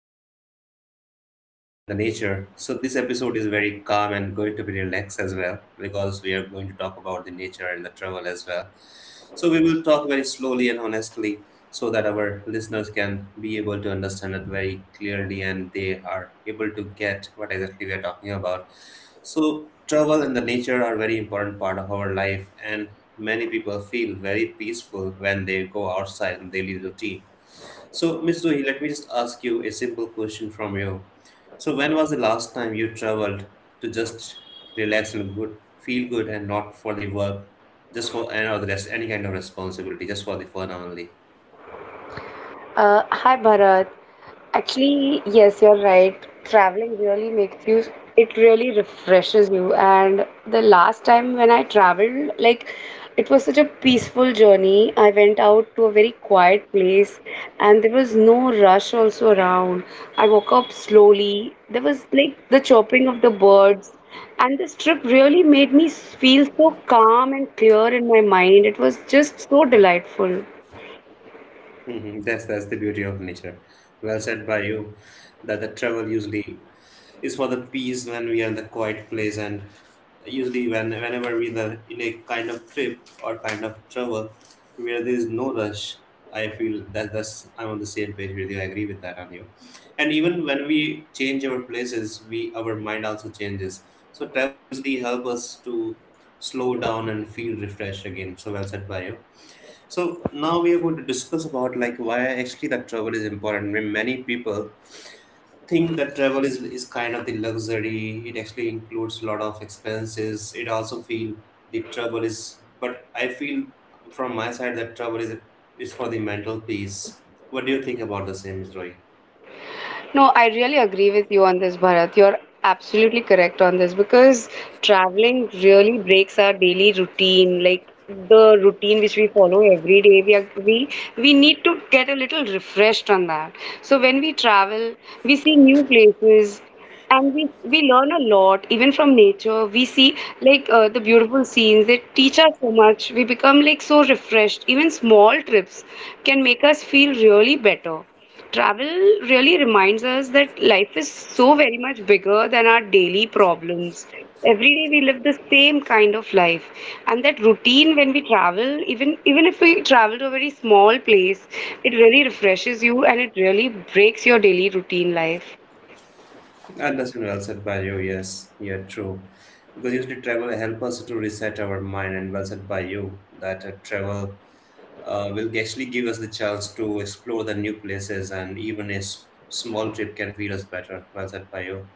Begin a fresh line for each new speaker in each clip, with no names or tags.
we are going to talk about the travel and the nature. So, this episode is very calm and going to be relaxed as well because we are going to talk about the nature and the travel as well. So we will talk very slowly and honestly so that our listeners can be able to understand it very clearly and they are able to get what exactly we are talking about. So travel and the nature are very important part of our life, and many people feel very peaceful when they go outside and daily routine. So, Miss Zoe, let me just ask you a simple question from you. So, when was the last time you traveled to just relax and good, feel good, and not for the work, just for any or the rest, any kind of responsibility, just for the fun only?
Hi Bharat. Actually, yes, you're right. Traveling really makes you, it really refreshes you. And the last time when I traveled, like, it was such a peaceful journey. I went out to a very quiet place and there was no rush also around. I woke up slowly. There was like the chirping of the birds. And this trip really made me feel so calm and clear in my mind. It was just so delightful.
Mhm. That's the beauty of nature. Well said by you. That the travel usually is for the peace when we are in the quiet place, and usually whenever we are in a kind of trip or kind of travel where there is no rush. I feel that that's I'm on the same page with you. I agree with that on you. And even when we change our places, we our mind also changes. So travel usually help us to slow down and feel refreshed again. So well said by you. So now we are going to discuss about like why actually that travel is important. I mean, many people think that travel is kind of the luxury. It actually includes a lot of expenses. It also feel the travel is, but I feel from my side that travel is for the mental peace. What do you think about the same, Miss Roy?
No, I really agree with you on this, Bharat. You're absolutely correct on this, because traveling really breaks our daily routine, like the routine which we follow every day. We are, we need to get a little refreshed on that. So when we travel, we see new places. And we learn a lot, even from nature. We see like the beautiful scenes. They teach us so much. We become like so refreshed. Even small trips can make us feel really better. Travel really reminds us that life is so very much bigger than our daily problems. Every day we live the same kind of life, and that routine, when we travel, even if we travel to a very small place, it really refreshes you and it really breaks your daily routine life.
Understand well said by you. Yes, yeah, true. Because usually travel help us to reset our mind, and well said by you that travel will actually give us the chance to explore the new places, and even a small trip can feel us better. Well said by you.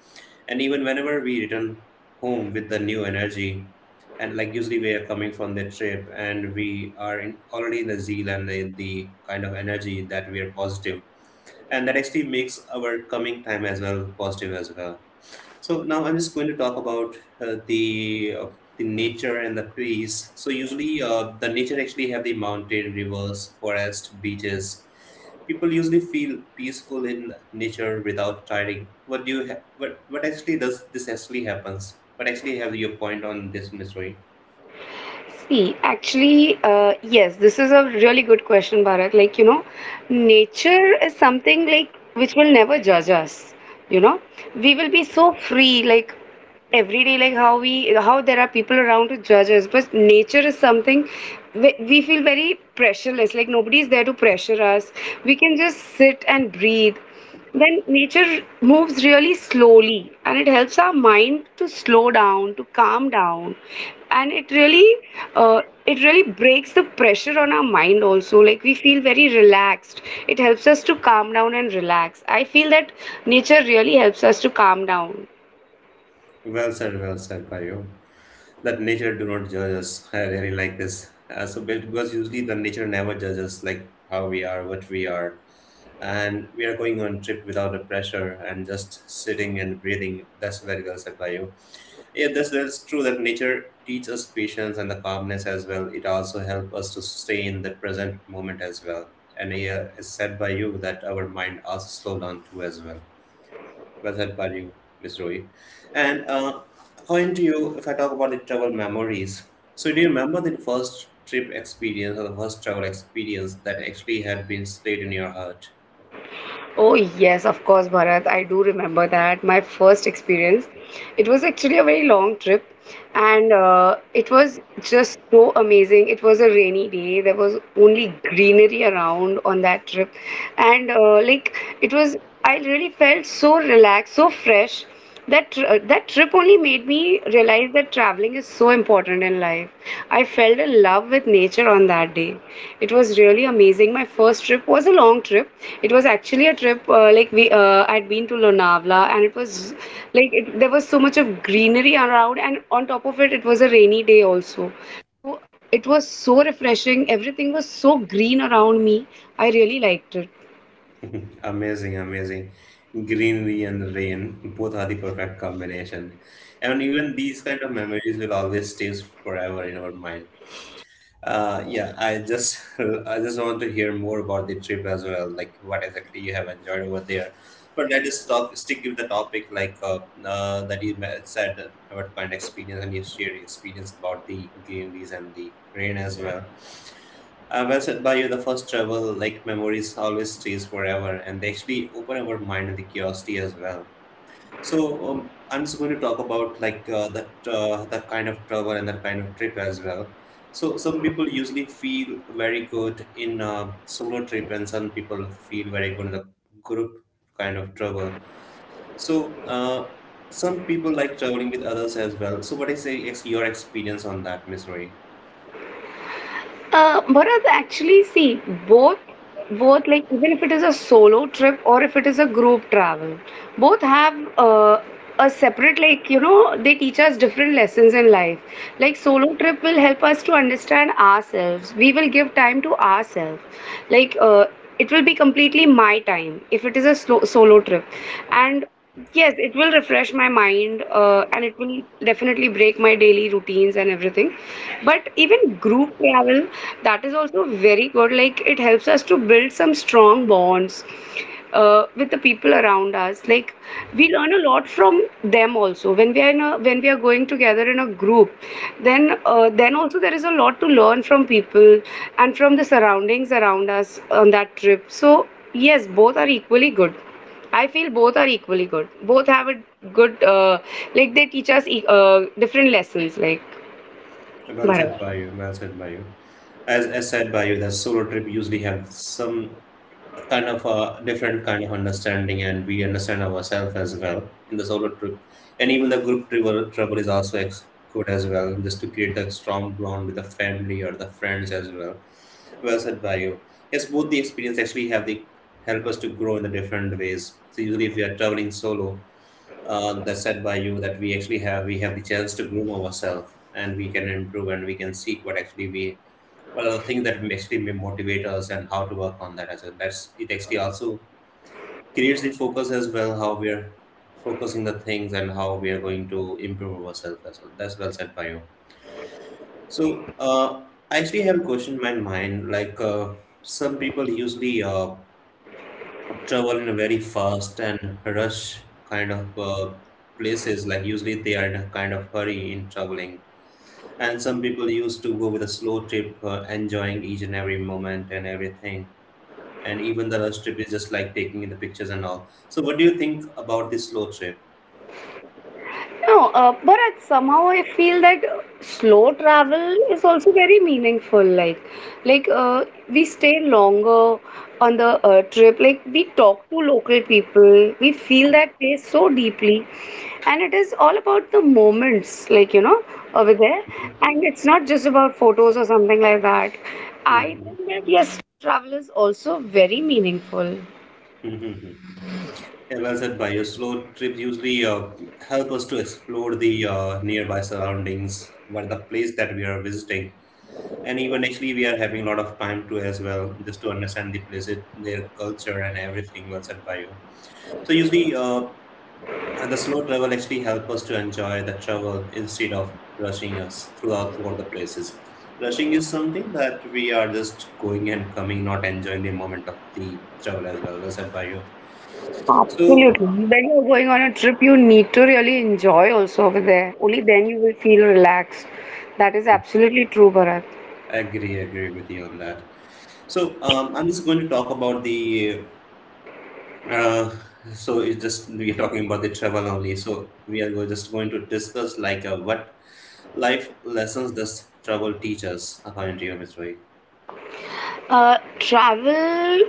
And even whenever we return home with the new energy, and like usually we are coming from the trip and we are in, already in the zeal and the kind of energy that we are positive, and that actually makes our coming time as well positive as well. So now I'm just going to talk about uh, the uh, the nature and the trees. So usually, the nature actually have the mountain, rivers, forest, beaches. People usually feel peaceful in nature without tiring. What do you ha- what actually does this actually happens? What actually have your point on this mystery?
See, actually, yes, this is a really good question, Bharat. Like, nature is something like which will never judge us. You know, we will be so free, like every day, like how there are people around to judge us. But nature is something we feel very pressureless. Like nobody is there to pressure us. We can just sit and breathe. Then nature moves really slowly, and it helps our mind to slow down, to calm down. And it really breaks the pressure on our mind also, like we feel very relaxed. It helps us to calm down and relax. I feel that nature really helps us to calm down.
Well said, by you. That nature do not judge us. I really like this. So because usually the nature never judges like how we are, what we are, and we are going on trip without the pressure and just sitting and breathing. That's very well said by you. Yeah, that's true that nature teaches us patience and the calmness as well. It also helps us to stay in the present moment as well. And yeah, it's said by you that our mind also slow down too as well. Well said by you, Miss Roy. And according to you, if I talk about the travel memories, so do you remember the first trip experience or the first travel experience that actually had been stayed in your heart?
Oh, yes, of course, Bharat. I do remember that. My first experience. It was actually a very long trip, and it was just so amazing. It was a rainy day. There was only greenery around on that trip. And like, it was, I really felt so relaxed, so fresh. That trip only made me realize that traveling is so important in life. I fell in love with nature on that day. It was really amazing. My first trip was a long trip. It was actually a trip, like we I'd been to Lonavala, and it was like there was so much of greenery around, and on top of it, it was a
Amazing, amazing. Greenery and rain, both are the perfect combination. And even these kind of memories will always stay forever in our mind. Yeah, I just I just want to hear more about the trip as well, like what exactly you have enjoyed over there. But let us talk, stick with the topic like that you said about kind of experience, and your shared experience about the greeneries and the rain as well. Well said by you, the first travel, like memories, always stays forever, and they actually open our mind and the curiosity as well. So I'm just going to talk about like that kind of travel and that kind of trip as well. So some people usually feel very good in solo trip, and some people feel very good in the group kind of travel. So some people like traveling with others as well. So what is your experience on that, Miss Roy?
Bharat, actually, see, both, both like, even if it is a solo trip or if it is a group travel, both have a separate, like they teach us different lessons in life. Like solo trip will help us to understand ourselves. We will give time to ourselves. Like it will be completely my time if it is a slow, solo trip. And yes, it will refresh my mind, and it will definitely break my daily routines and everything. But even group travel, that is also very good. Like it helps us to build some strong bonds, with the people around us. Like we learn a lot from them also. When we are going together in a group, then also there is a lot to learn from people and from the surroundings around us on that trip. So yes, both are equally good. I feel both are equally good. Both have a good, like they teach us different lessons. Like
Well said
Bharat.
by you. Well said by you. As said by you, the solo trip usually have some kind of a different kind of understanding, and we understand ourselves as well in the solo trip, and even the group travel is also good as well, just to create the strong bond with the family or the friends as well. Well said by you. Yes, both the experience actually have the help us to grow in the different ways. So usually, if we are traveling solo, that said by you that we actually have the chance to groom ourselves, and we can improve and we can seek what actually we, well, the thing that actually may motivate us and how to work on that as well. That's, it actually also creates the focus as well, how we are focusing the things and how we are going to improve ourselves as well. That's well said by you. So I actually have a question in my mind, like some people usually travel in a very fast and rush kind of places, like usually they are in a kind of hurry in traveling, and some people used to go with a slow trip, enjoying each and every moment and everything, and even the rush trip is just like taking in the pictures and all. So what do you think about this slow trip?
No, but at somehow I feel that slow travel is also very meaningful. Like, we stay longer on the trip. Like we talk to local people. We feel that place so deeply, and it is all about the moments. Like over there, and it's not just about photos or something like that.
Mhm. Mhm. Yeah, well said by you. Slow trips usually help us to explore the nearby surroundings, what the place that we are visiting, and even actually we are having a lot of time to as well, just to understand the places, their culture and everything. Well said by you. So usually, the slow travel actually help us to enjoy the travel instead of rushing us throughout the places. Rushing is something that we are just going and coming, not enjoying the moment of the travel as well. Well said by you. So
Absolutely. When you're going on a trip, you need to really enjoy also over there. Only then you will feel relaxed. That is absolutely true, Bharat.
agree with you on that. So I'm just going to talk about the Uh, so it's just we're talking about the travel only. So we are just going to discuss like what life lessons does travel teach us, according to you, Mr. Roy?
Travel.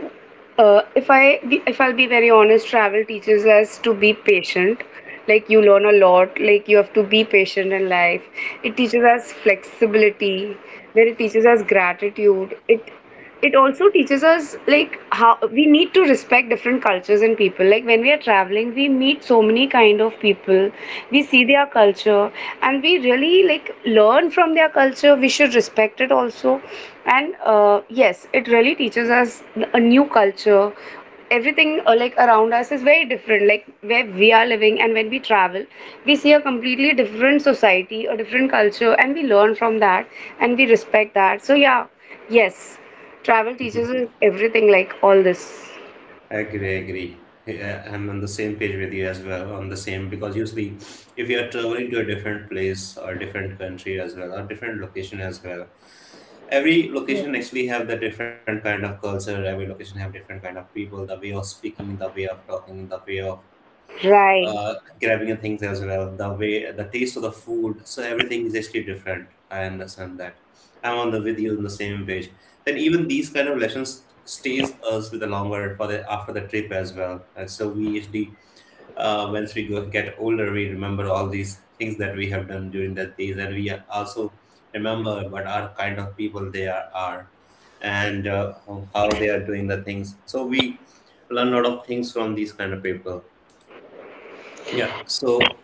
If I'll be very honest, travel teaches us to be patient. Like you learn a lot. Like you have to be patient in life. It teaches us flexibility. Then it teaches us gratitude. It also teaches us like how we need to respect different cultures and people. Like when we are traveling, we meet so many kind of people. We see their culture, and we really like learn from their culture. We should respect it also. And yes, it really teaches us a new culture, everything, like around us is very different, like where we are living. And when we travel, we see a completely different society, a different culture, and we learn from that, and we respect that. So yeah, yes, travel teaches us everything, like all this.
I agree, I agree. Yeah, I'm on the same page with you as well. On the same because usually, if you are traveling to a different place or different country as well or different location as well, every location actually have the different kind of culture. Every location have different kind of people, the way of speaking, the way of talking, the way of
Right.
uh, grabbing your things as well, the way the taste of the food. So everything is actually different. I understand that. I'm on the with you on the same page. Then even these kind of lessons stays us with the longer for the after the trip as well. And so we usually, once we go, get older, we remember all these things that we have done during that days, and we also remember what our kind of people they are, and how they are doing the things. So we learn a lot of things from these kind of people. Yeah. So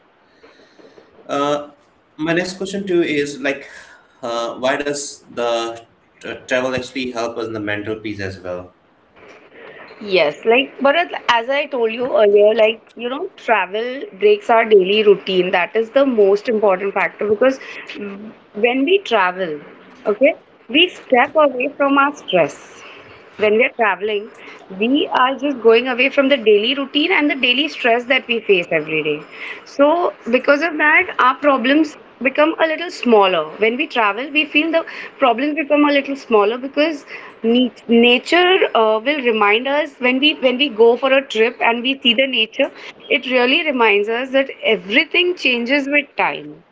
uh, my next question to you is like why does the travel actually help us in the mental peace as well?
Yes, like Bharat, as I told you earlier, like travel breaks our daily routine. That is the most important factor, because when we travel, okay, we step away from our stress. When we are traveling, we are just going away from the daily routine and the daily stress that we face every day. So, because of that, our problems become a little smaller. When we travel, we feel the problems become a little smaller, because nature will remind us. When we go for a trip and we see the nature, it really reminds us that everything changes with time.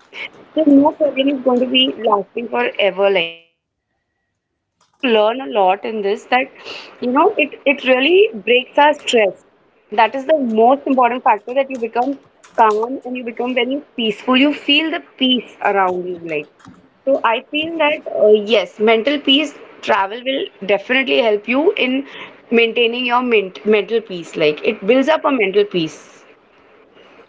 So no problem is going to be lasting forever. Like so, nature helps us to learn a lot in this. That it really breaks our stress. That is the most important factor. That you become calm and you become very peaceful. You feel the peace around you. Like so, I feel that yes, mental peace, travel will definitely help you in maintaining your mental peace. Like it builds up a mental peace.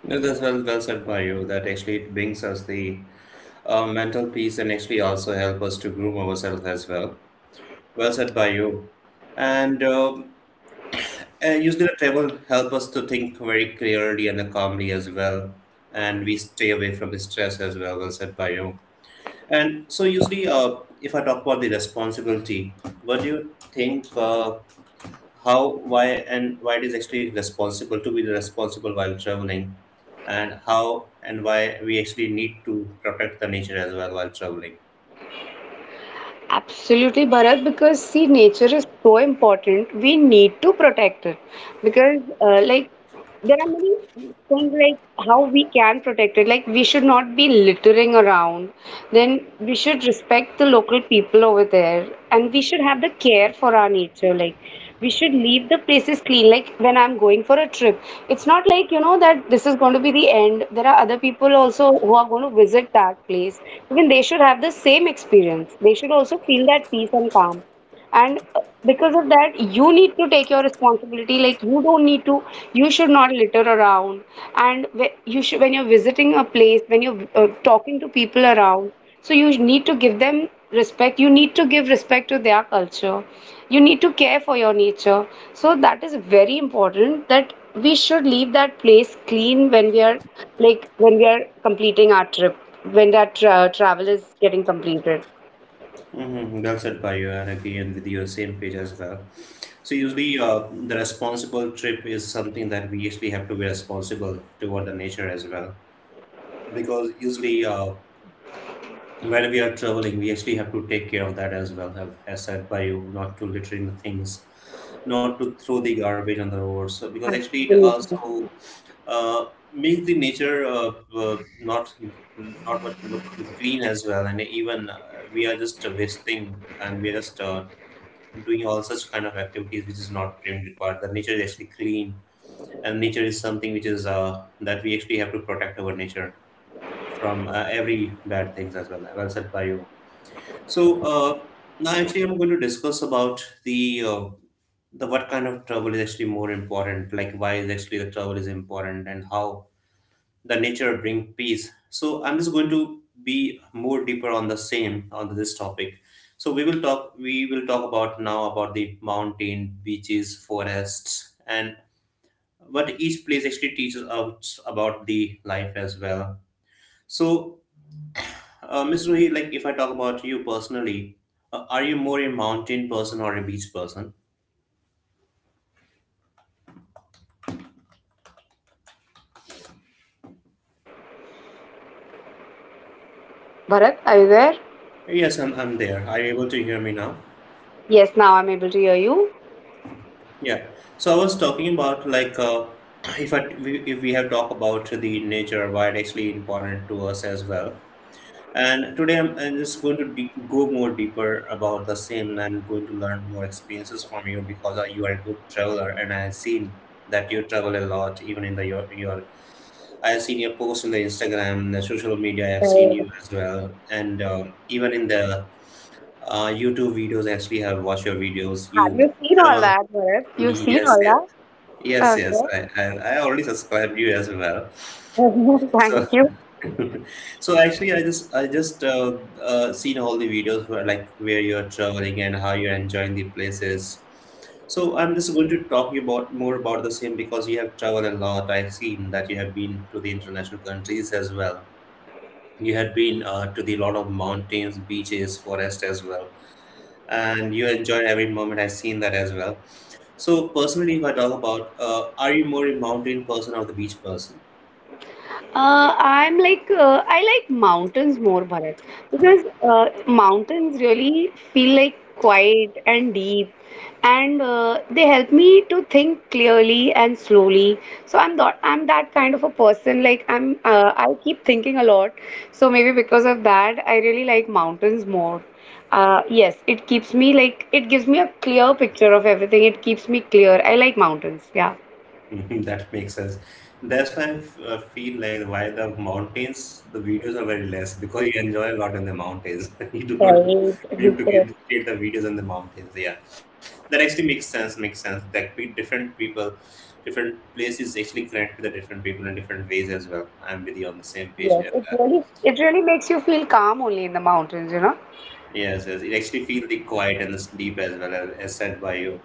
No, that's well said by you. That actually it brings us the mental peace, and actually also help us to groom ourselves as well. Well said by you. And usually the travel help us to think very clearly and calmly as well. And we stay away from the stress as well. Well said by you. And so usually, if I talk about the responsibility, what do you think? How why and why it is actually responsible to be responsible while traveling, and how and why we actually need to protect the nature as well while traveling.
Absolutely, Bharat, because see, nature is so important. We need to protect it, because, like, there are many things like how we can protect it. Like, we should not be littering around. Then we should respect the local people over there, and we should have the care for our nature. Like, we should leave the places clean. Like when I'm going for a trip, it's not like that this is going to be the end. There are other people also who are going to visit that place. Even they should have the same experience. They should also feel that peace and calm. And because of that, you need to take your responsibility. Like, you don't need to, you should not litter around. And you should, when you're visiting a place, when you're talking to people around, so you need to give them respect. You need to give respect to their culture. You need to care for your nature. So that is very important, that we should leave that place clean when we are, like when we are completing our trip, when that travel is getting completed.
Well said by you, and again with your same page as well. So usually, the responsible trip is something that we actually have to be responsible toward the nature as well, because usually, when we are traveling, we actually have to take care of that as well, have, as said by you, not to littering the things, not to throw the garbage on the roads, so, because actually it
Absolutely.
also uh, makes the nature not much look clean as well, and even we are just wasting and we are just doing all such kind of activities which is not really required. The nature is actually clean, and nature is something which is that we actually have to protect our nature from every bad things as well. Well said by you. So now actually I'm going to discuss about the what kind of travel is actually more important, like why is actually the travel is important and how the nature bring peace. So I'm just going to be more deeper on the same on this topic. So we will talk about now about the mountain, beaches, forests, and what each place actually teaches us about the life as well. So Miss Ruhi, like if I talk about you personally, are you more a mountain person or a beach person?
क्या हुआ Bharat, are you there?
Yes, I'm there. Are you able to hear me now?
Yes, now I'm able to hear you.
Yeah. So I was talking about like if if we have talked about the nature, why it actually important to us as well. And today I'm just going to go more deeper about the same and going to learn more experiences from you because you are a good traveler and I've seen that you travel a lot even in the your I have seen your post in the Instagram, in the social media. I have seen you as well, and even in the YouTube videos, I have watched your videos.
Have
You
you seen all
travel.
that, Bharat? You've seen
Yes,
all
yes, yes,
that?
yes.
Okay.
I already subscribed you as well.
Thank
So,
you.
so actually, I just seen all the videos where you're traveling and how you're enjoying the places. So I'm just going to talk you about more about the same because you have traveled a lot. I've seen that you have been to the international countries as well. You had been to the lot of mountains, beaches, forest as well, and you enjoyed every moment. I've seen that as well. So personally, if I talk about, are you more a mountain person or the beach person?
I like mountains more, Bharat, because mountains really feel like quiet and deep, and they help me to think clearly and slowly. So I'm not, I'm that kind of a person. Like I keep thinking a lot. So maybe because of that, I really like mountains more. Yes, it keeps me, like it gives me a clear picture of everything. It keeps me clear. I like mountains. Yeah.
Mhm. That makes sense. That's why I feel like why the mountains, the videos are very less because you enjoy a lot in the mountains. You do not do-
Right.
need to
Correct.
get, create the videos in the mountains. Yeah, that actually makes sense. Makes sense. Like be different people, different places actually connect with the different people in different ways as well. I'm with you on the same page
Yes,
here.
it really makes you feel calm only in the mountains, you know?
Yes, yes. It actually feels the quiet and the deep as well as said by you.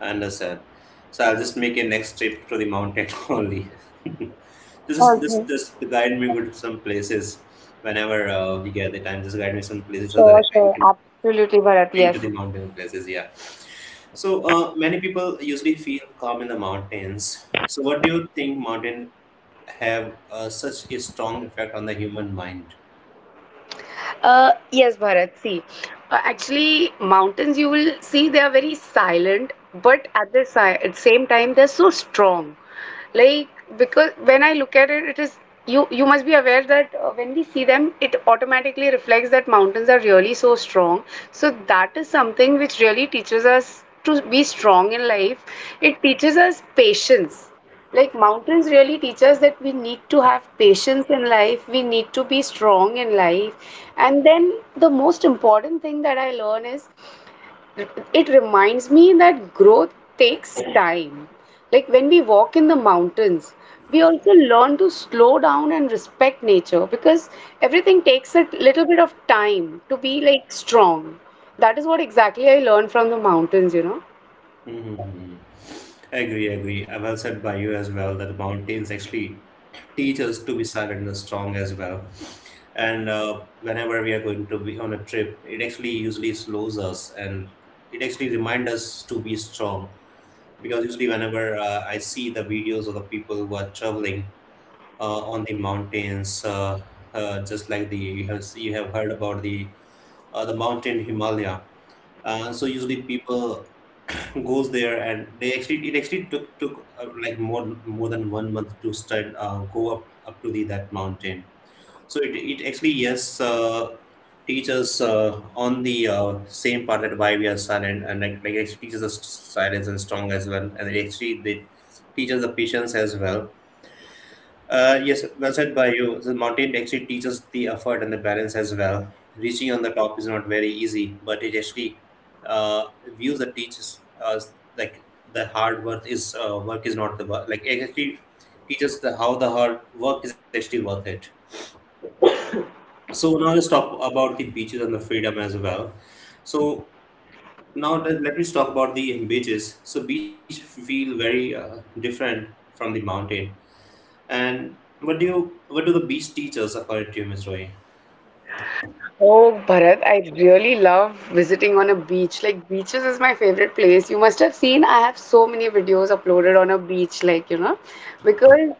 I understand. So I'll just make a next trip to the mountain only. Just,
Okay.
just, just guide me go to some places whenever we get the time. Just guide me some places so that I
Sure,
can
sure.
can
Absolutely, Bharat,
be into
yes.
the mountain places. Yeah. So many people usually feel calm in the mountains. So what do you think mountain have such a strong effect on the human mind?
Yes, Bharat. See, actually, mountains, you will see, they are very silent, but at the si at same time they're so strong. Like, because when I look at it, it is, you must be aware that when we see them, it automatically reflects that mountains are really so strong. So that is something which really teaches us to be strong in life. It teaches us patience. Like mountains really teach us that we need to have patience in life, we need to be strong in life. And then the most important thing that I learn is it reminds me that growth takes time. Like when we walk in the mountains, we also learn to slow down and respect nature, because everything takes a little bit of time to be like strong. That is what exactly I learned from the mountains, you know.
Mm-hmm. Agree. Well said by you as well that mountains actually teach us to be silent and strong as well. And whenever we are going to be on a trip, it actually usually slows us and it actually reminds us to be strong. Because usually, whenever I see the videos of the people who are traveling on the mountains, just like the you have heard about the mountain Himalaya. So usually people goes there, and they actually it actually took like more than 1 month to start go up to the that mountain. So it actually, yes, teaches on the same part that why we are silent and like it actually teaches us silence and strong as well, and it actually they teaches the patience as well. Yes, well said by you. The mountain actually teaches the effort and the balance as well. Reaching on the top is not very easy, but it actually views that teaches us like the hard work is not the work. Like it actually teaches the how the hard work is actually worth it. So now let's talk about the beaches and the freedom as well. So now let me talk about the beaches. So beach feel very different from the mountain, and what do you what do the beach teach us according to you, Miss Roy?
Oh, Bharat, I really love visiting on a beach. Like, beaches is my favorite place. You must have seen, I have so many videos uploaded on a beach, like, you know, because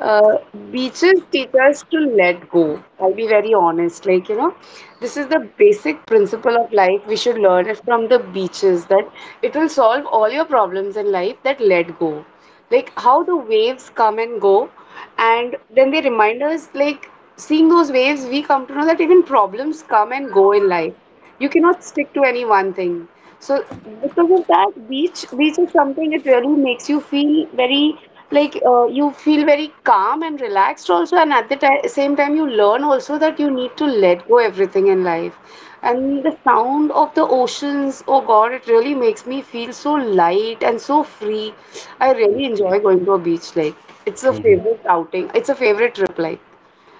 uh, beaches teach us to let go. I'll be very honest. Like, you know, this is the basic principle of life. We should learn it from the beaches that it will solve all your problems in life that let go. Like, how the waves come and go, and then they remind us, like, seeing those waves, we come to know that even problems come and go in life. You cannot stick to any one thing. So because of that, beach is something it really makes you feel very like you feel very calm and relaxed also, and at the ti same time you learn also that you need to let go everything in life. And the sound of the oceans, oh God, it really makes me feel so light and so free. I really enjoy going to a beach. Like it's a
Mhm.
favorite outing. It's a favorite trip. Like.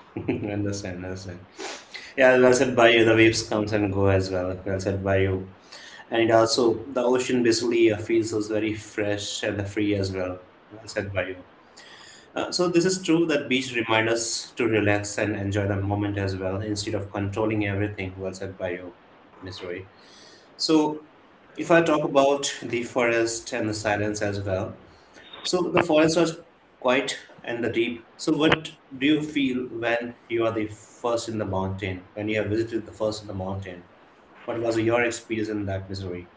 Understand. Yeah, well said by you. The waves comes and go as well. Well said by you. And it also the ocean basically feels us very fresh and free as well. Well said by you. So this is true that beach remind us to relax and enjoy the moment as well instead of controlling everything. Well said by you, Miss Roy. So if I talk about the forest and the silence as well, so the forests are quiet and the deep. So what do you feel when you are the first in the mountain? When you have visited the first in the mountain, what was your experience in that misery?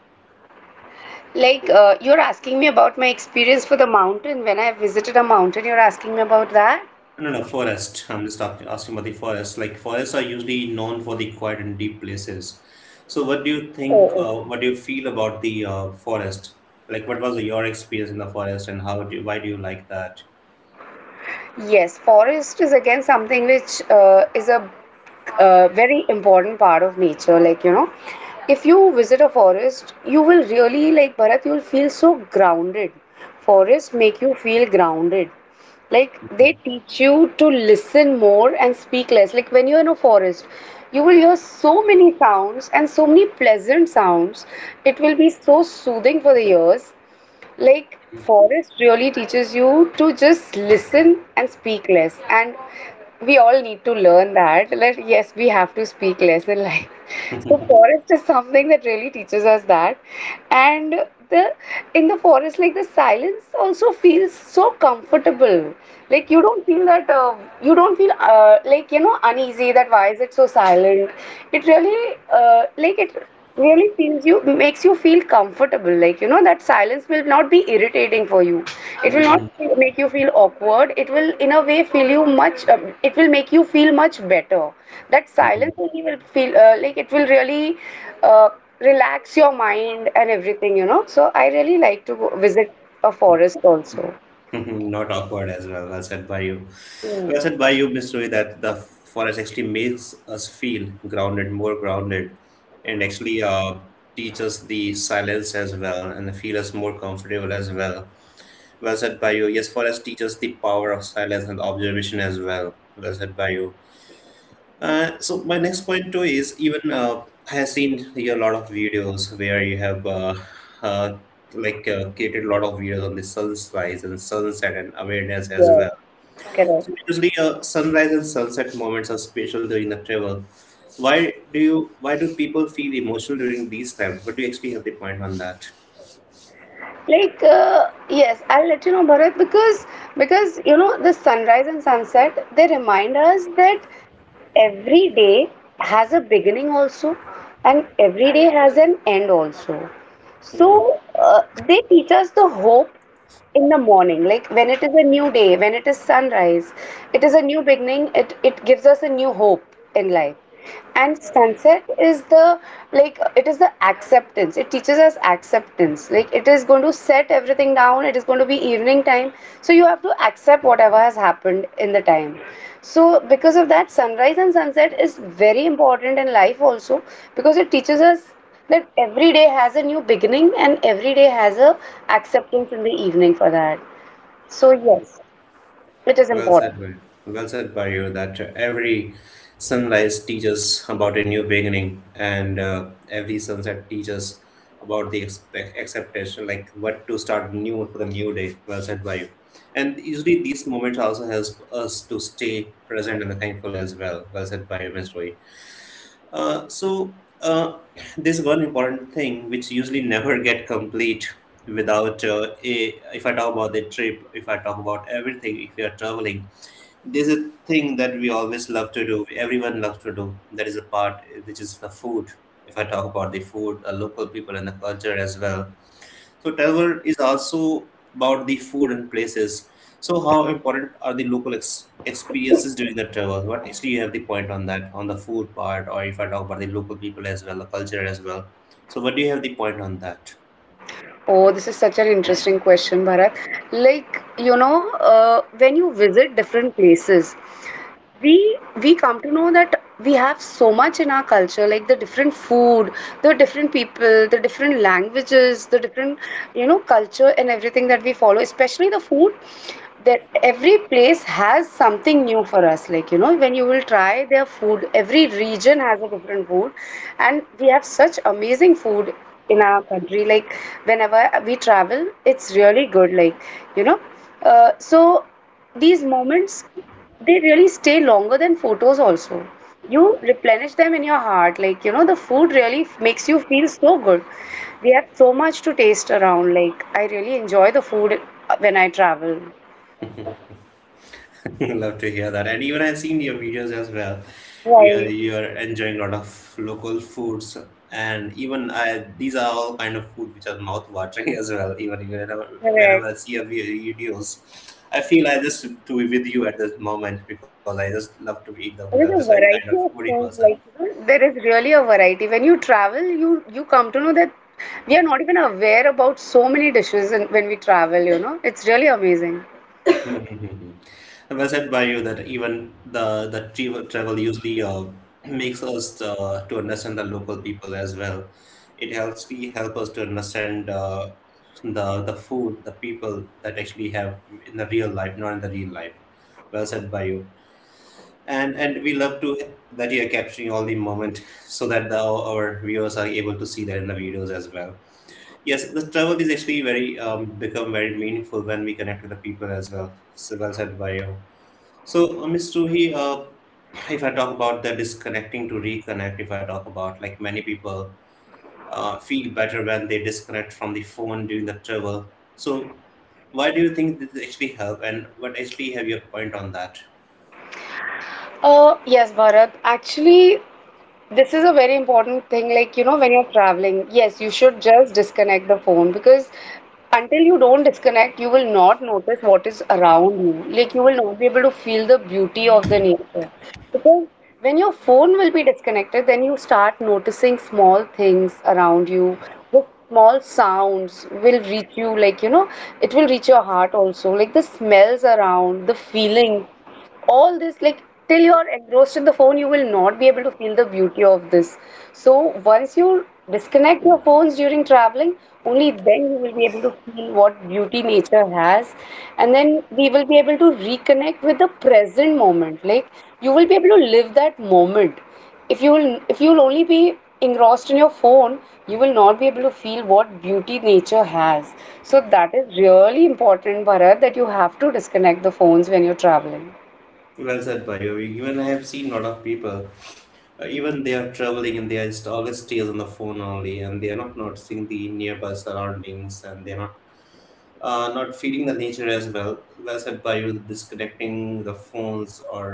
Like, you're asking me about my experience for the mountain when I visited a mountain, you're asking me about that?
No, no, no, forest. I'm just talking, asking about the forest. Like forests are usually known for the quiet and deep places. So what do you think?
Oh,
What do you feel about the forest? Like what was your experience in the forest, and how do why do you like that?
yes, forest is again something which is a very important part of nature. Like, you know, if you visit a forest, you will really, like Bharat, you will feel so grounded. Forests make you feel grounded. Like, they
Mhm,
teach you to listen more and speak less. Like, when you're in a forest, you will hear so many sounds and so many pleasant sounds. It will be so soothing for the ears like,
mhm,
forest really teaches you to just listen and speak less. And we all need to learn that. Like, yes, we have to speak less in life. So, forest is something that really teaches us that. And the in the forest, like the silence also feels so comfortable. Like you don't feel that you don't feel like you know uneasy that why is it so silent. It really like it really feels you makes you feel comfortable like you know that silence will not be irritating for you, it will not
mhm,
make you feel awkward, it will in a way feel you much it will make you feel much better, that
mhm.
silence only will feel like it will really uh, relax your mind and everything, you know. So I really like to go visit a forest also.
Not awkward as well. Well said by you.
Mm.
Well said by you, Miss Rui, that the forest actually makes us feel grounded, more grounded, and actually teaches the silence as well and feel us more comfortable as well. Well said by you. Yes, forest teaches the power of silence and observation as well. Well said by you. So my next point too is even I have seen a lot of videos where you have uh, created a lot of videos on the sunrise and sunset and awareness as
Yeah,
well.
correct.
So usually, sunrise and sunset moments are special during the travel. Why do you? Why do people feel emotional during these times? What do you actually have the point on that?
Like, yes, I'll let you know, Bharat, because you know the sunrise and sunset, they remind us that every day has a beginning also, and every day has an end also.
hmm
So they teach us the hope in the morning, like when it is a new day, when it is sunrise, it is a new beginning, it gives us a new hope in life. And sunset is the, like it is the acceptance, it teaches us acceptance, like it is going to set everything down, it is going to be evening time, so you have to accept whatever has happened in the time. So because of that, sunrise and sunset is very important in life also, because it teaches us that every day has a new beginning and every day has a acceptance in the evening for that. So yes, it is
Well said,
important.
Well said, by you that every sunrise teaches about a new beginning, and every sunset teaches about the acceptation, like what to start new for the new day. Well said, by you. And usually these moments also help us to stay present and thankful as well. Well said, by you, my story. Uh, so uh, there's one important thing which usually never get complete without if I talk about the trip, if I talk about everything, if you are traveling, there's a thing that we always love to do. Everyone loves to do. That is a part which is the food. If I talk about the food, the local people, and the culture as well, so travel is also about the food and places. So how important are the local experiences during the travel? What actually you have the point on that on the food part, or if I talk about the local people as well, the culture as well. So what do you have the point on that?
Oh, this is such an interesting question, Bharat. Like, you know, when you visit different places, we we come to know that we have so much in our culture, like the different food, the different people, the different languages, the different, you know, culture and everything that we follow, especially the food, that every place has something new for us. Like, you know, when you will try their food, every region has a different food, and we have such amazing food in our country. Like whenever we travel, it's really good. Like, you know, so these moments, they really stay longer than photos also. You replenish them in your heart. Like, you know, the food really makes you feel so good. We have so much to taste around. Like, I really enjoy the food when I travel.
Love to hear that. And even I've seen your videos as well, where
Right,
you're enjoying a lot of local foods. And even I, these are all kind of food which are mouth-watering as well. Even whenever
correct.
I see your videos, I feel I just to be with you at this moment because I just love to eat the food.
There
I'm
is
just
a
very kind of
variety of
foodie
food,
person.
like you know, there is really a variety. When you travel, you come to know that we are not even aware about so many dishes and when we travel, you know. It's really amazing.
Hmm. Well said by you that even the travel usually makes us to understand the local people as well. It helps me help us to understand the food, the people that actually have in the real life, not in the real life. Well said by you. And we love to that you are capturing all the moment so that the, our viewers are able to see that in the videos as well. Yes, the travel is actually very become very meaningful when we connect with the people as well. So well said by you. So, Ms. Ruhi, if I talk about the disconnecting to reconnect, if I talk about like many people feel better when they disconnect from the phone during the travel. So, why do you think this actually help, and what actually have your point on that?
Yes, Bharat. Actually, this is a very important thing. Like, you know, when you're traveling, yes, you should just disconnect the phone, because until you don't disconnect, you will not notice what is around you. Like, you will not be able to feel the beauty of the nature. Because when your phone will be disconnected, then you start noticing small things around you. The small sounds will reach you, like, you know, it will reach your heart also. Like the smells around, the feeling, all this, like, till you're engrossed in the phone, you will not be able to feel the beauty of this. So once you disconnect your phones during traveling, only then you will be able to feel what beauty nature has. And then we will be able to reconnect with the present moment. Like you will be able to live that moment. If you will only be engrossed in your phone, you will not be able to feel what beauty nature has. So that is really important, Bharat, that you have to disconnect the phones when you're traveling.
Well said by you. Even I have seen a lot of people even they are traveling and they are just always stays on the phone only and they are not noticing the nearby surroundings and they are not not feeding the nature as well. Well said by you, disconnecting the phones or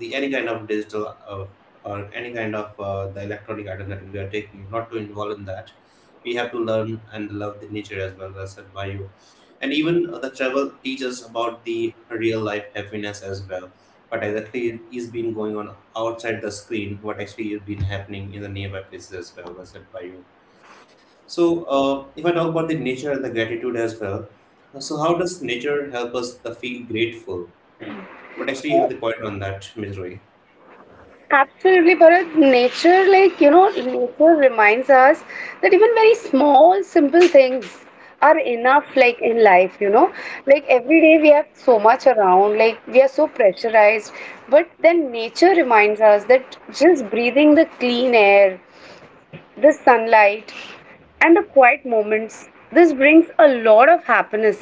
the any kind of digital or any kind of the electronic item that we are taking, not to involve in that. We have to learn and love the nature as well. Well said by you, and even the travel teaches about the real life happiness as well. What exactly is been going on outside the screen? What actually has been happening in the nearby places as well? Well said by you so, if I talk about the nature and the gratitude as well, so how does nature help us to feel grateful? What actually you have the point on that, Ms. Roy?
Absolutely, Bharat. Nature, like, you know, nature reminds us that even very small, simple things are enough, like, in life, you know. Like, every day we have so much around, like, we are so pressurized. But then nature reminds us that just breathing the clean air, the sunlight, and the quiet moments, this brings a lot of happiness.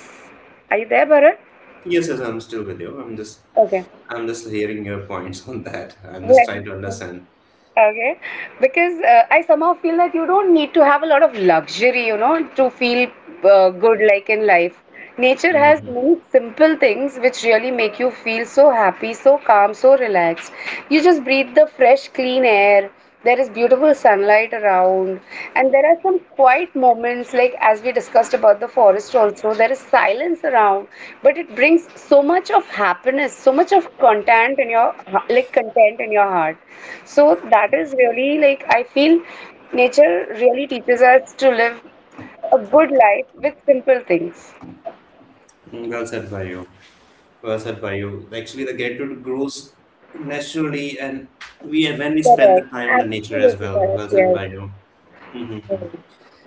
Are you there, Bharat?
Yes, yes, I'm still with you.
Okay.
I'm just hearing your points on that. I'm just
Yeah.
trying to understand.
Okay, because I somehow feel that you don't need to have a lot of luxury, you know, to feel good like in life. Nature has
Mhm.
many simple things which really make you feel so happy, so calm, so relaxed. You just breathe the fresh, clean air. There is beautiful sunlight around, and there are some quiet moments, like as we discussed about the forest also, there is silence around, but it brings so much of happiness, so much of content in your, like content in your heart. So that is really, like I feel nature really teaches us to live a good life with simple things.
Mm, well said by you. Well said by you. Actually, the gratitude grows naturally, and we when we spend the
Correct.
time in the nature as
Absolutely
well.
correct.
Well said
Yes.
by you. Mhm.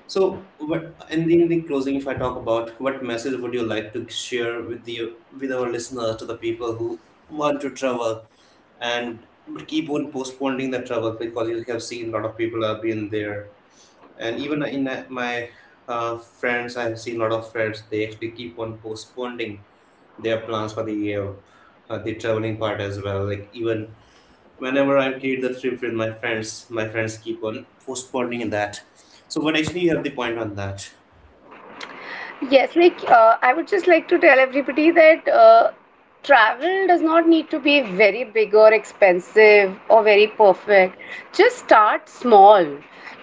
So, what in the closing, if I talk about what message would you like to share with the with our listeners, to the people who want to travel and but keep on postponing the travel because you have seen a lot of people have been there, and even in my friends, I have seen a lot of friends they actually keep on postponing their plans for the traveling part as well. Like even whenever I create the trip with my friends keep on postponing that. So, but actually, you have the point on that.
Yes, like I would just like to tell everybody that travel does not need to be very big or expensive or very perfect. Just start small.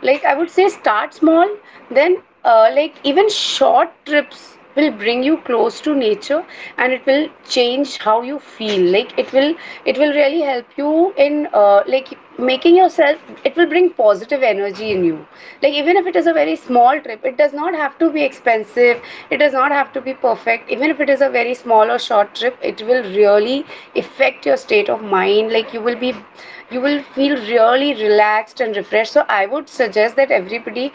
Like I would say, start small, then like even short trips will bring you close to nature and it will change how you feel. Like it will really help you in like making yourself, it will bring positive energy in you. Like even if it is a very small trip, it does not have to be expensive, it does not have to be perfect. Even if it is a very small or short trip, it will really affect your state of mind. Like you will feel really relaxed and refreshed. So I would suggest that everybody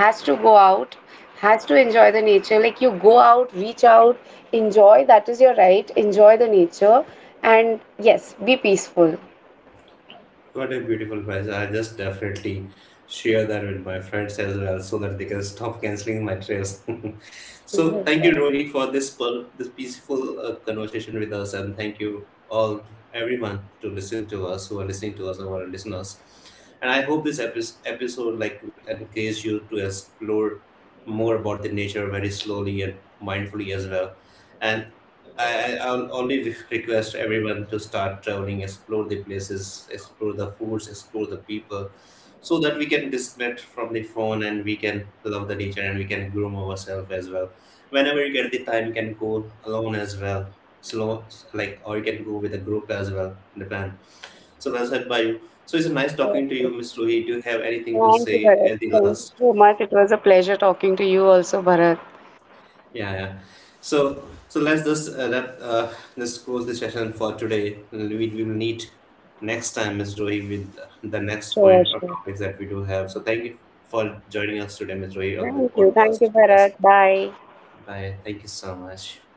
has to go out, has to enjoy the nature. Like you go out, reach out, enjoy. That is your right. Enjoy the nature. And yes, be peaceful.
What a beautiful price. I just definitely share that with my friends as well so that they can stop canceling my trips. So thank you, Rohi, for this peaceful conversation with us, and thank you all, everyone, to listen to us, who are listening to us, our listeners. And I hope this episode like will encourage you to explore more about the nature very slowly and mindfully as well. And I'll only request everyone to start traveling, explore the places, explore the foods, explore the people, so that we can disconnect from the phone and we can love the nature and we can groom ourselves as well. Whenever you get the time, you can go alone as well, slow, like, or you can go with a group as well, depend. So well said by you. So it's nice talking to you, Miss Rohit. Do you have anything to
Thank you,
say
Bharat.
at the
Thank you
last?
so much. It was a pleasure talking to you also, Bharat.
Yeah, yeah. So, so let's just let let's close the session for today. We will meet next time, Miss Rohi, with the next
Sure,
point or
sure.
topics that we do have. So, thank you for joining us today, Miss Rohi, on the
Thank you. Thank you,
podcast with
Bharat.
us.
Bye.
Bye. Thank you so much.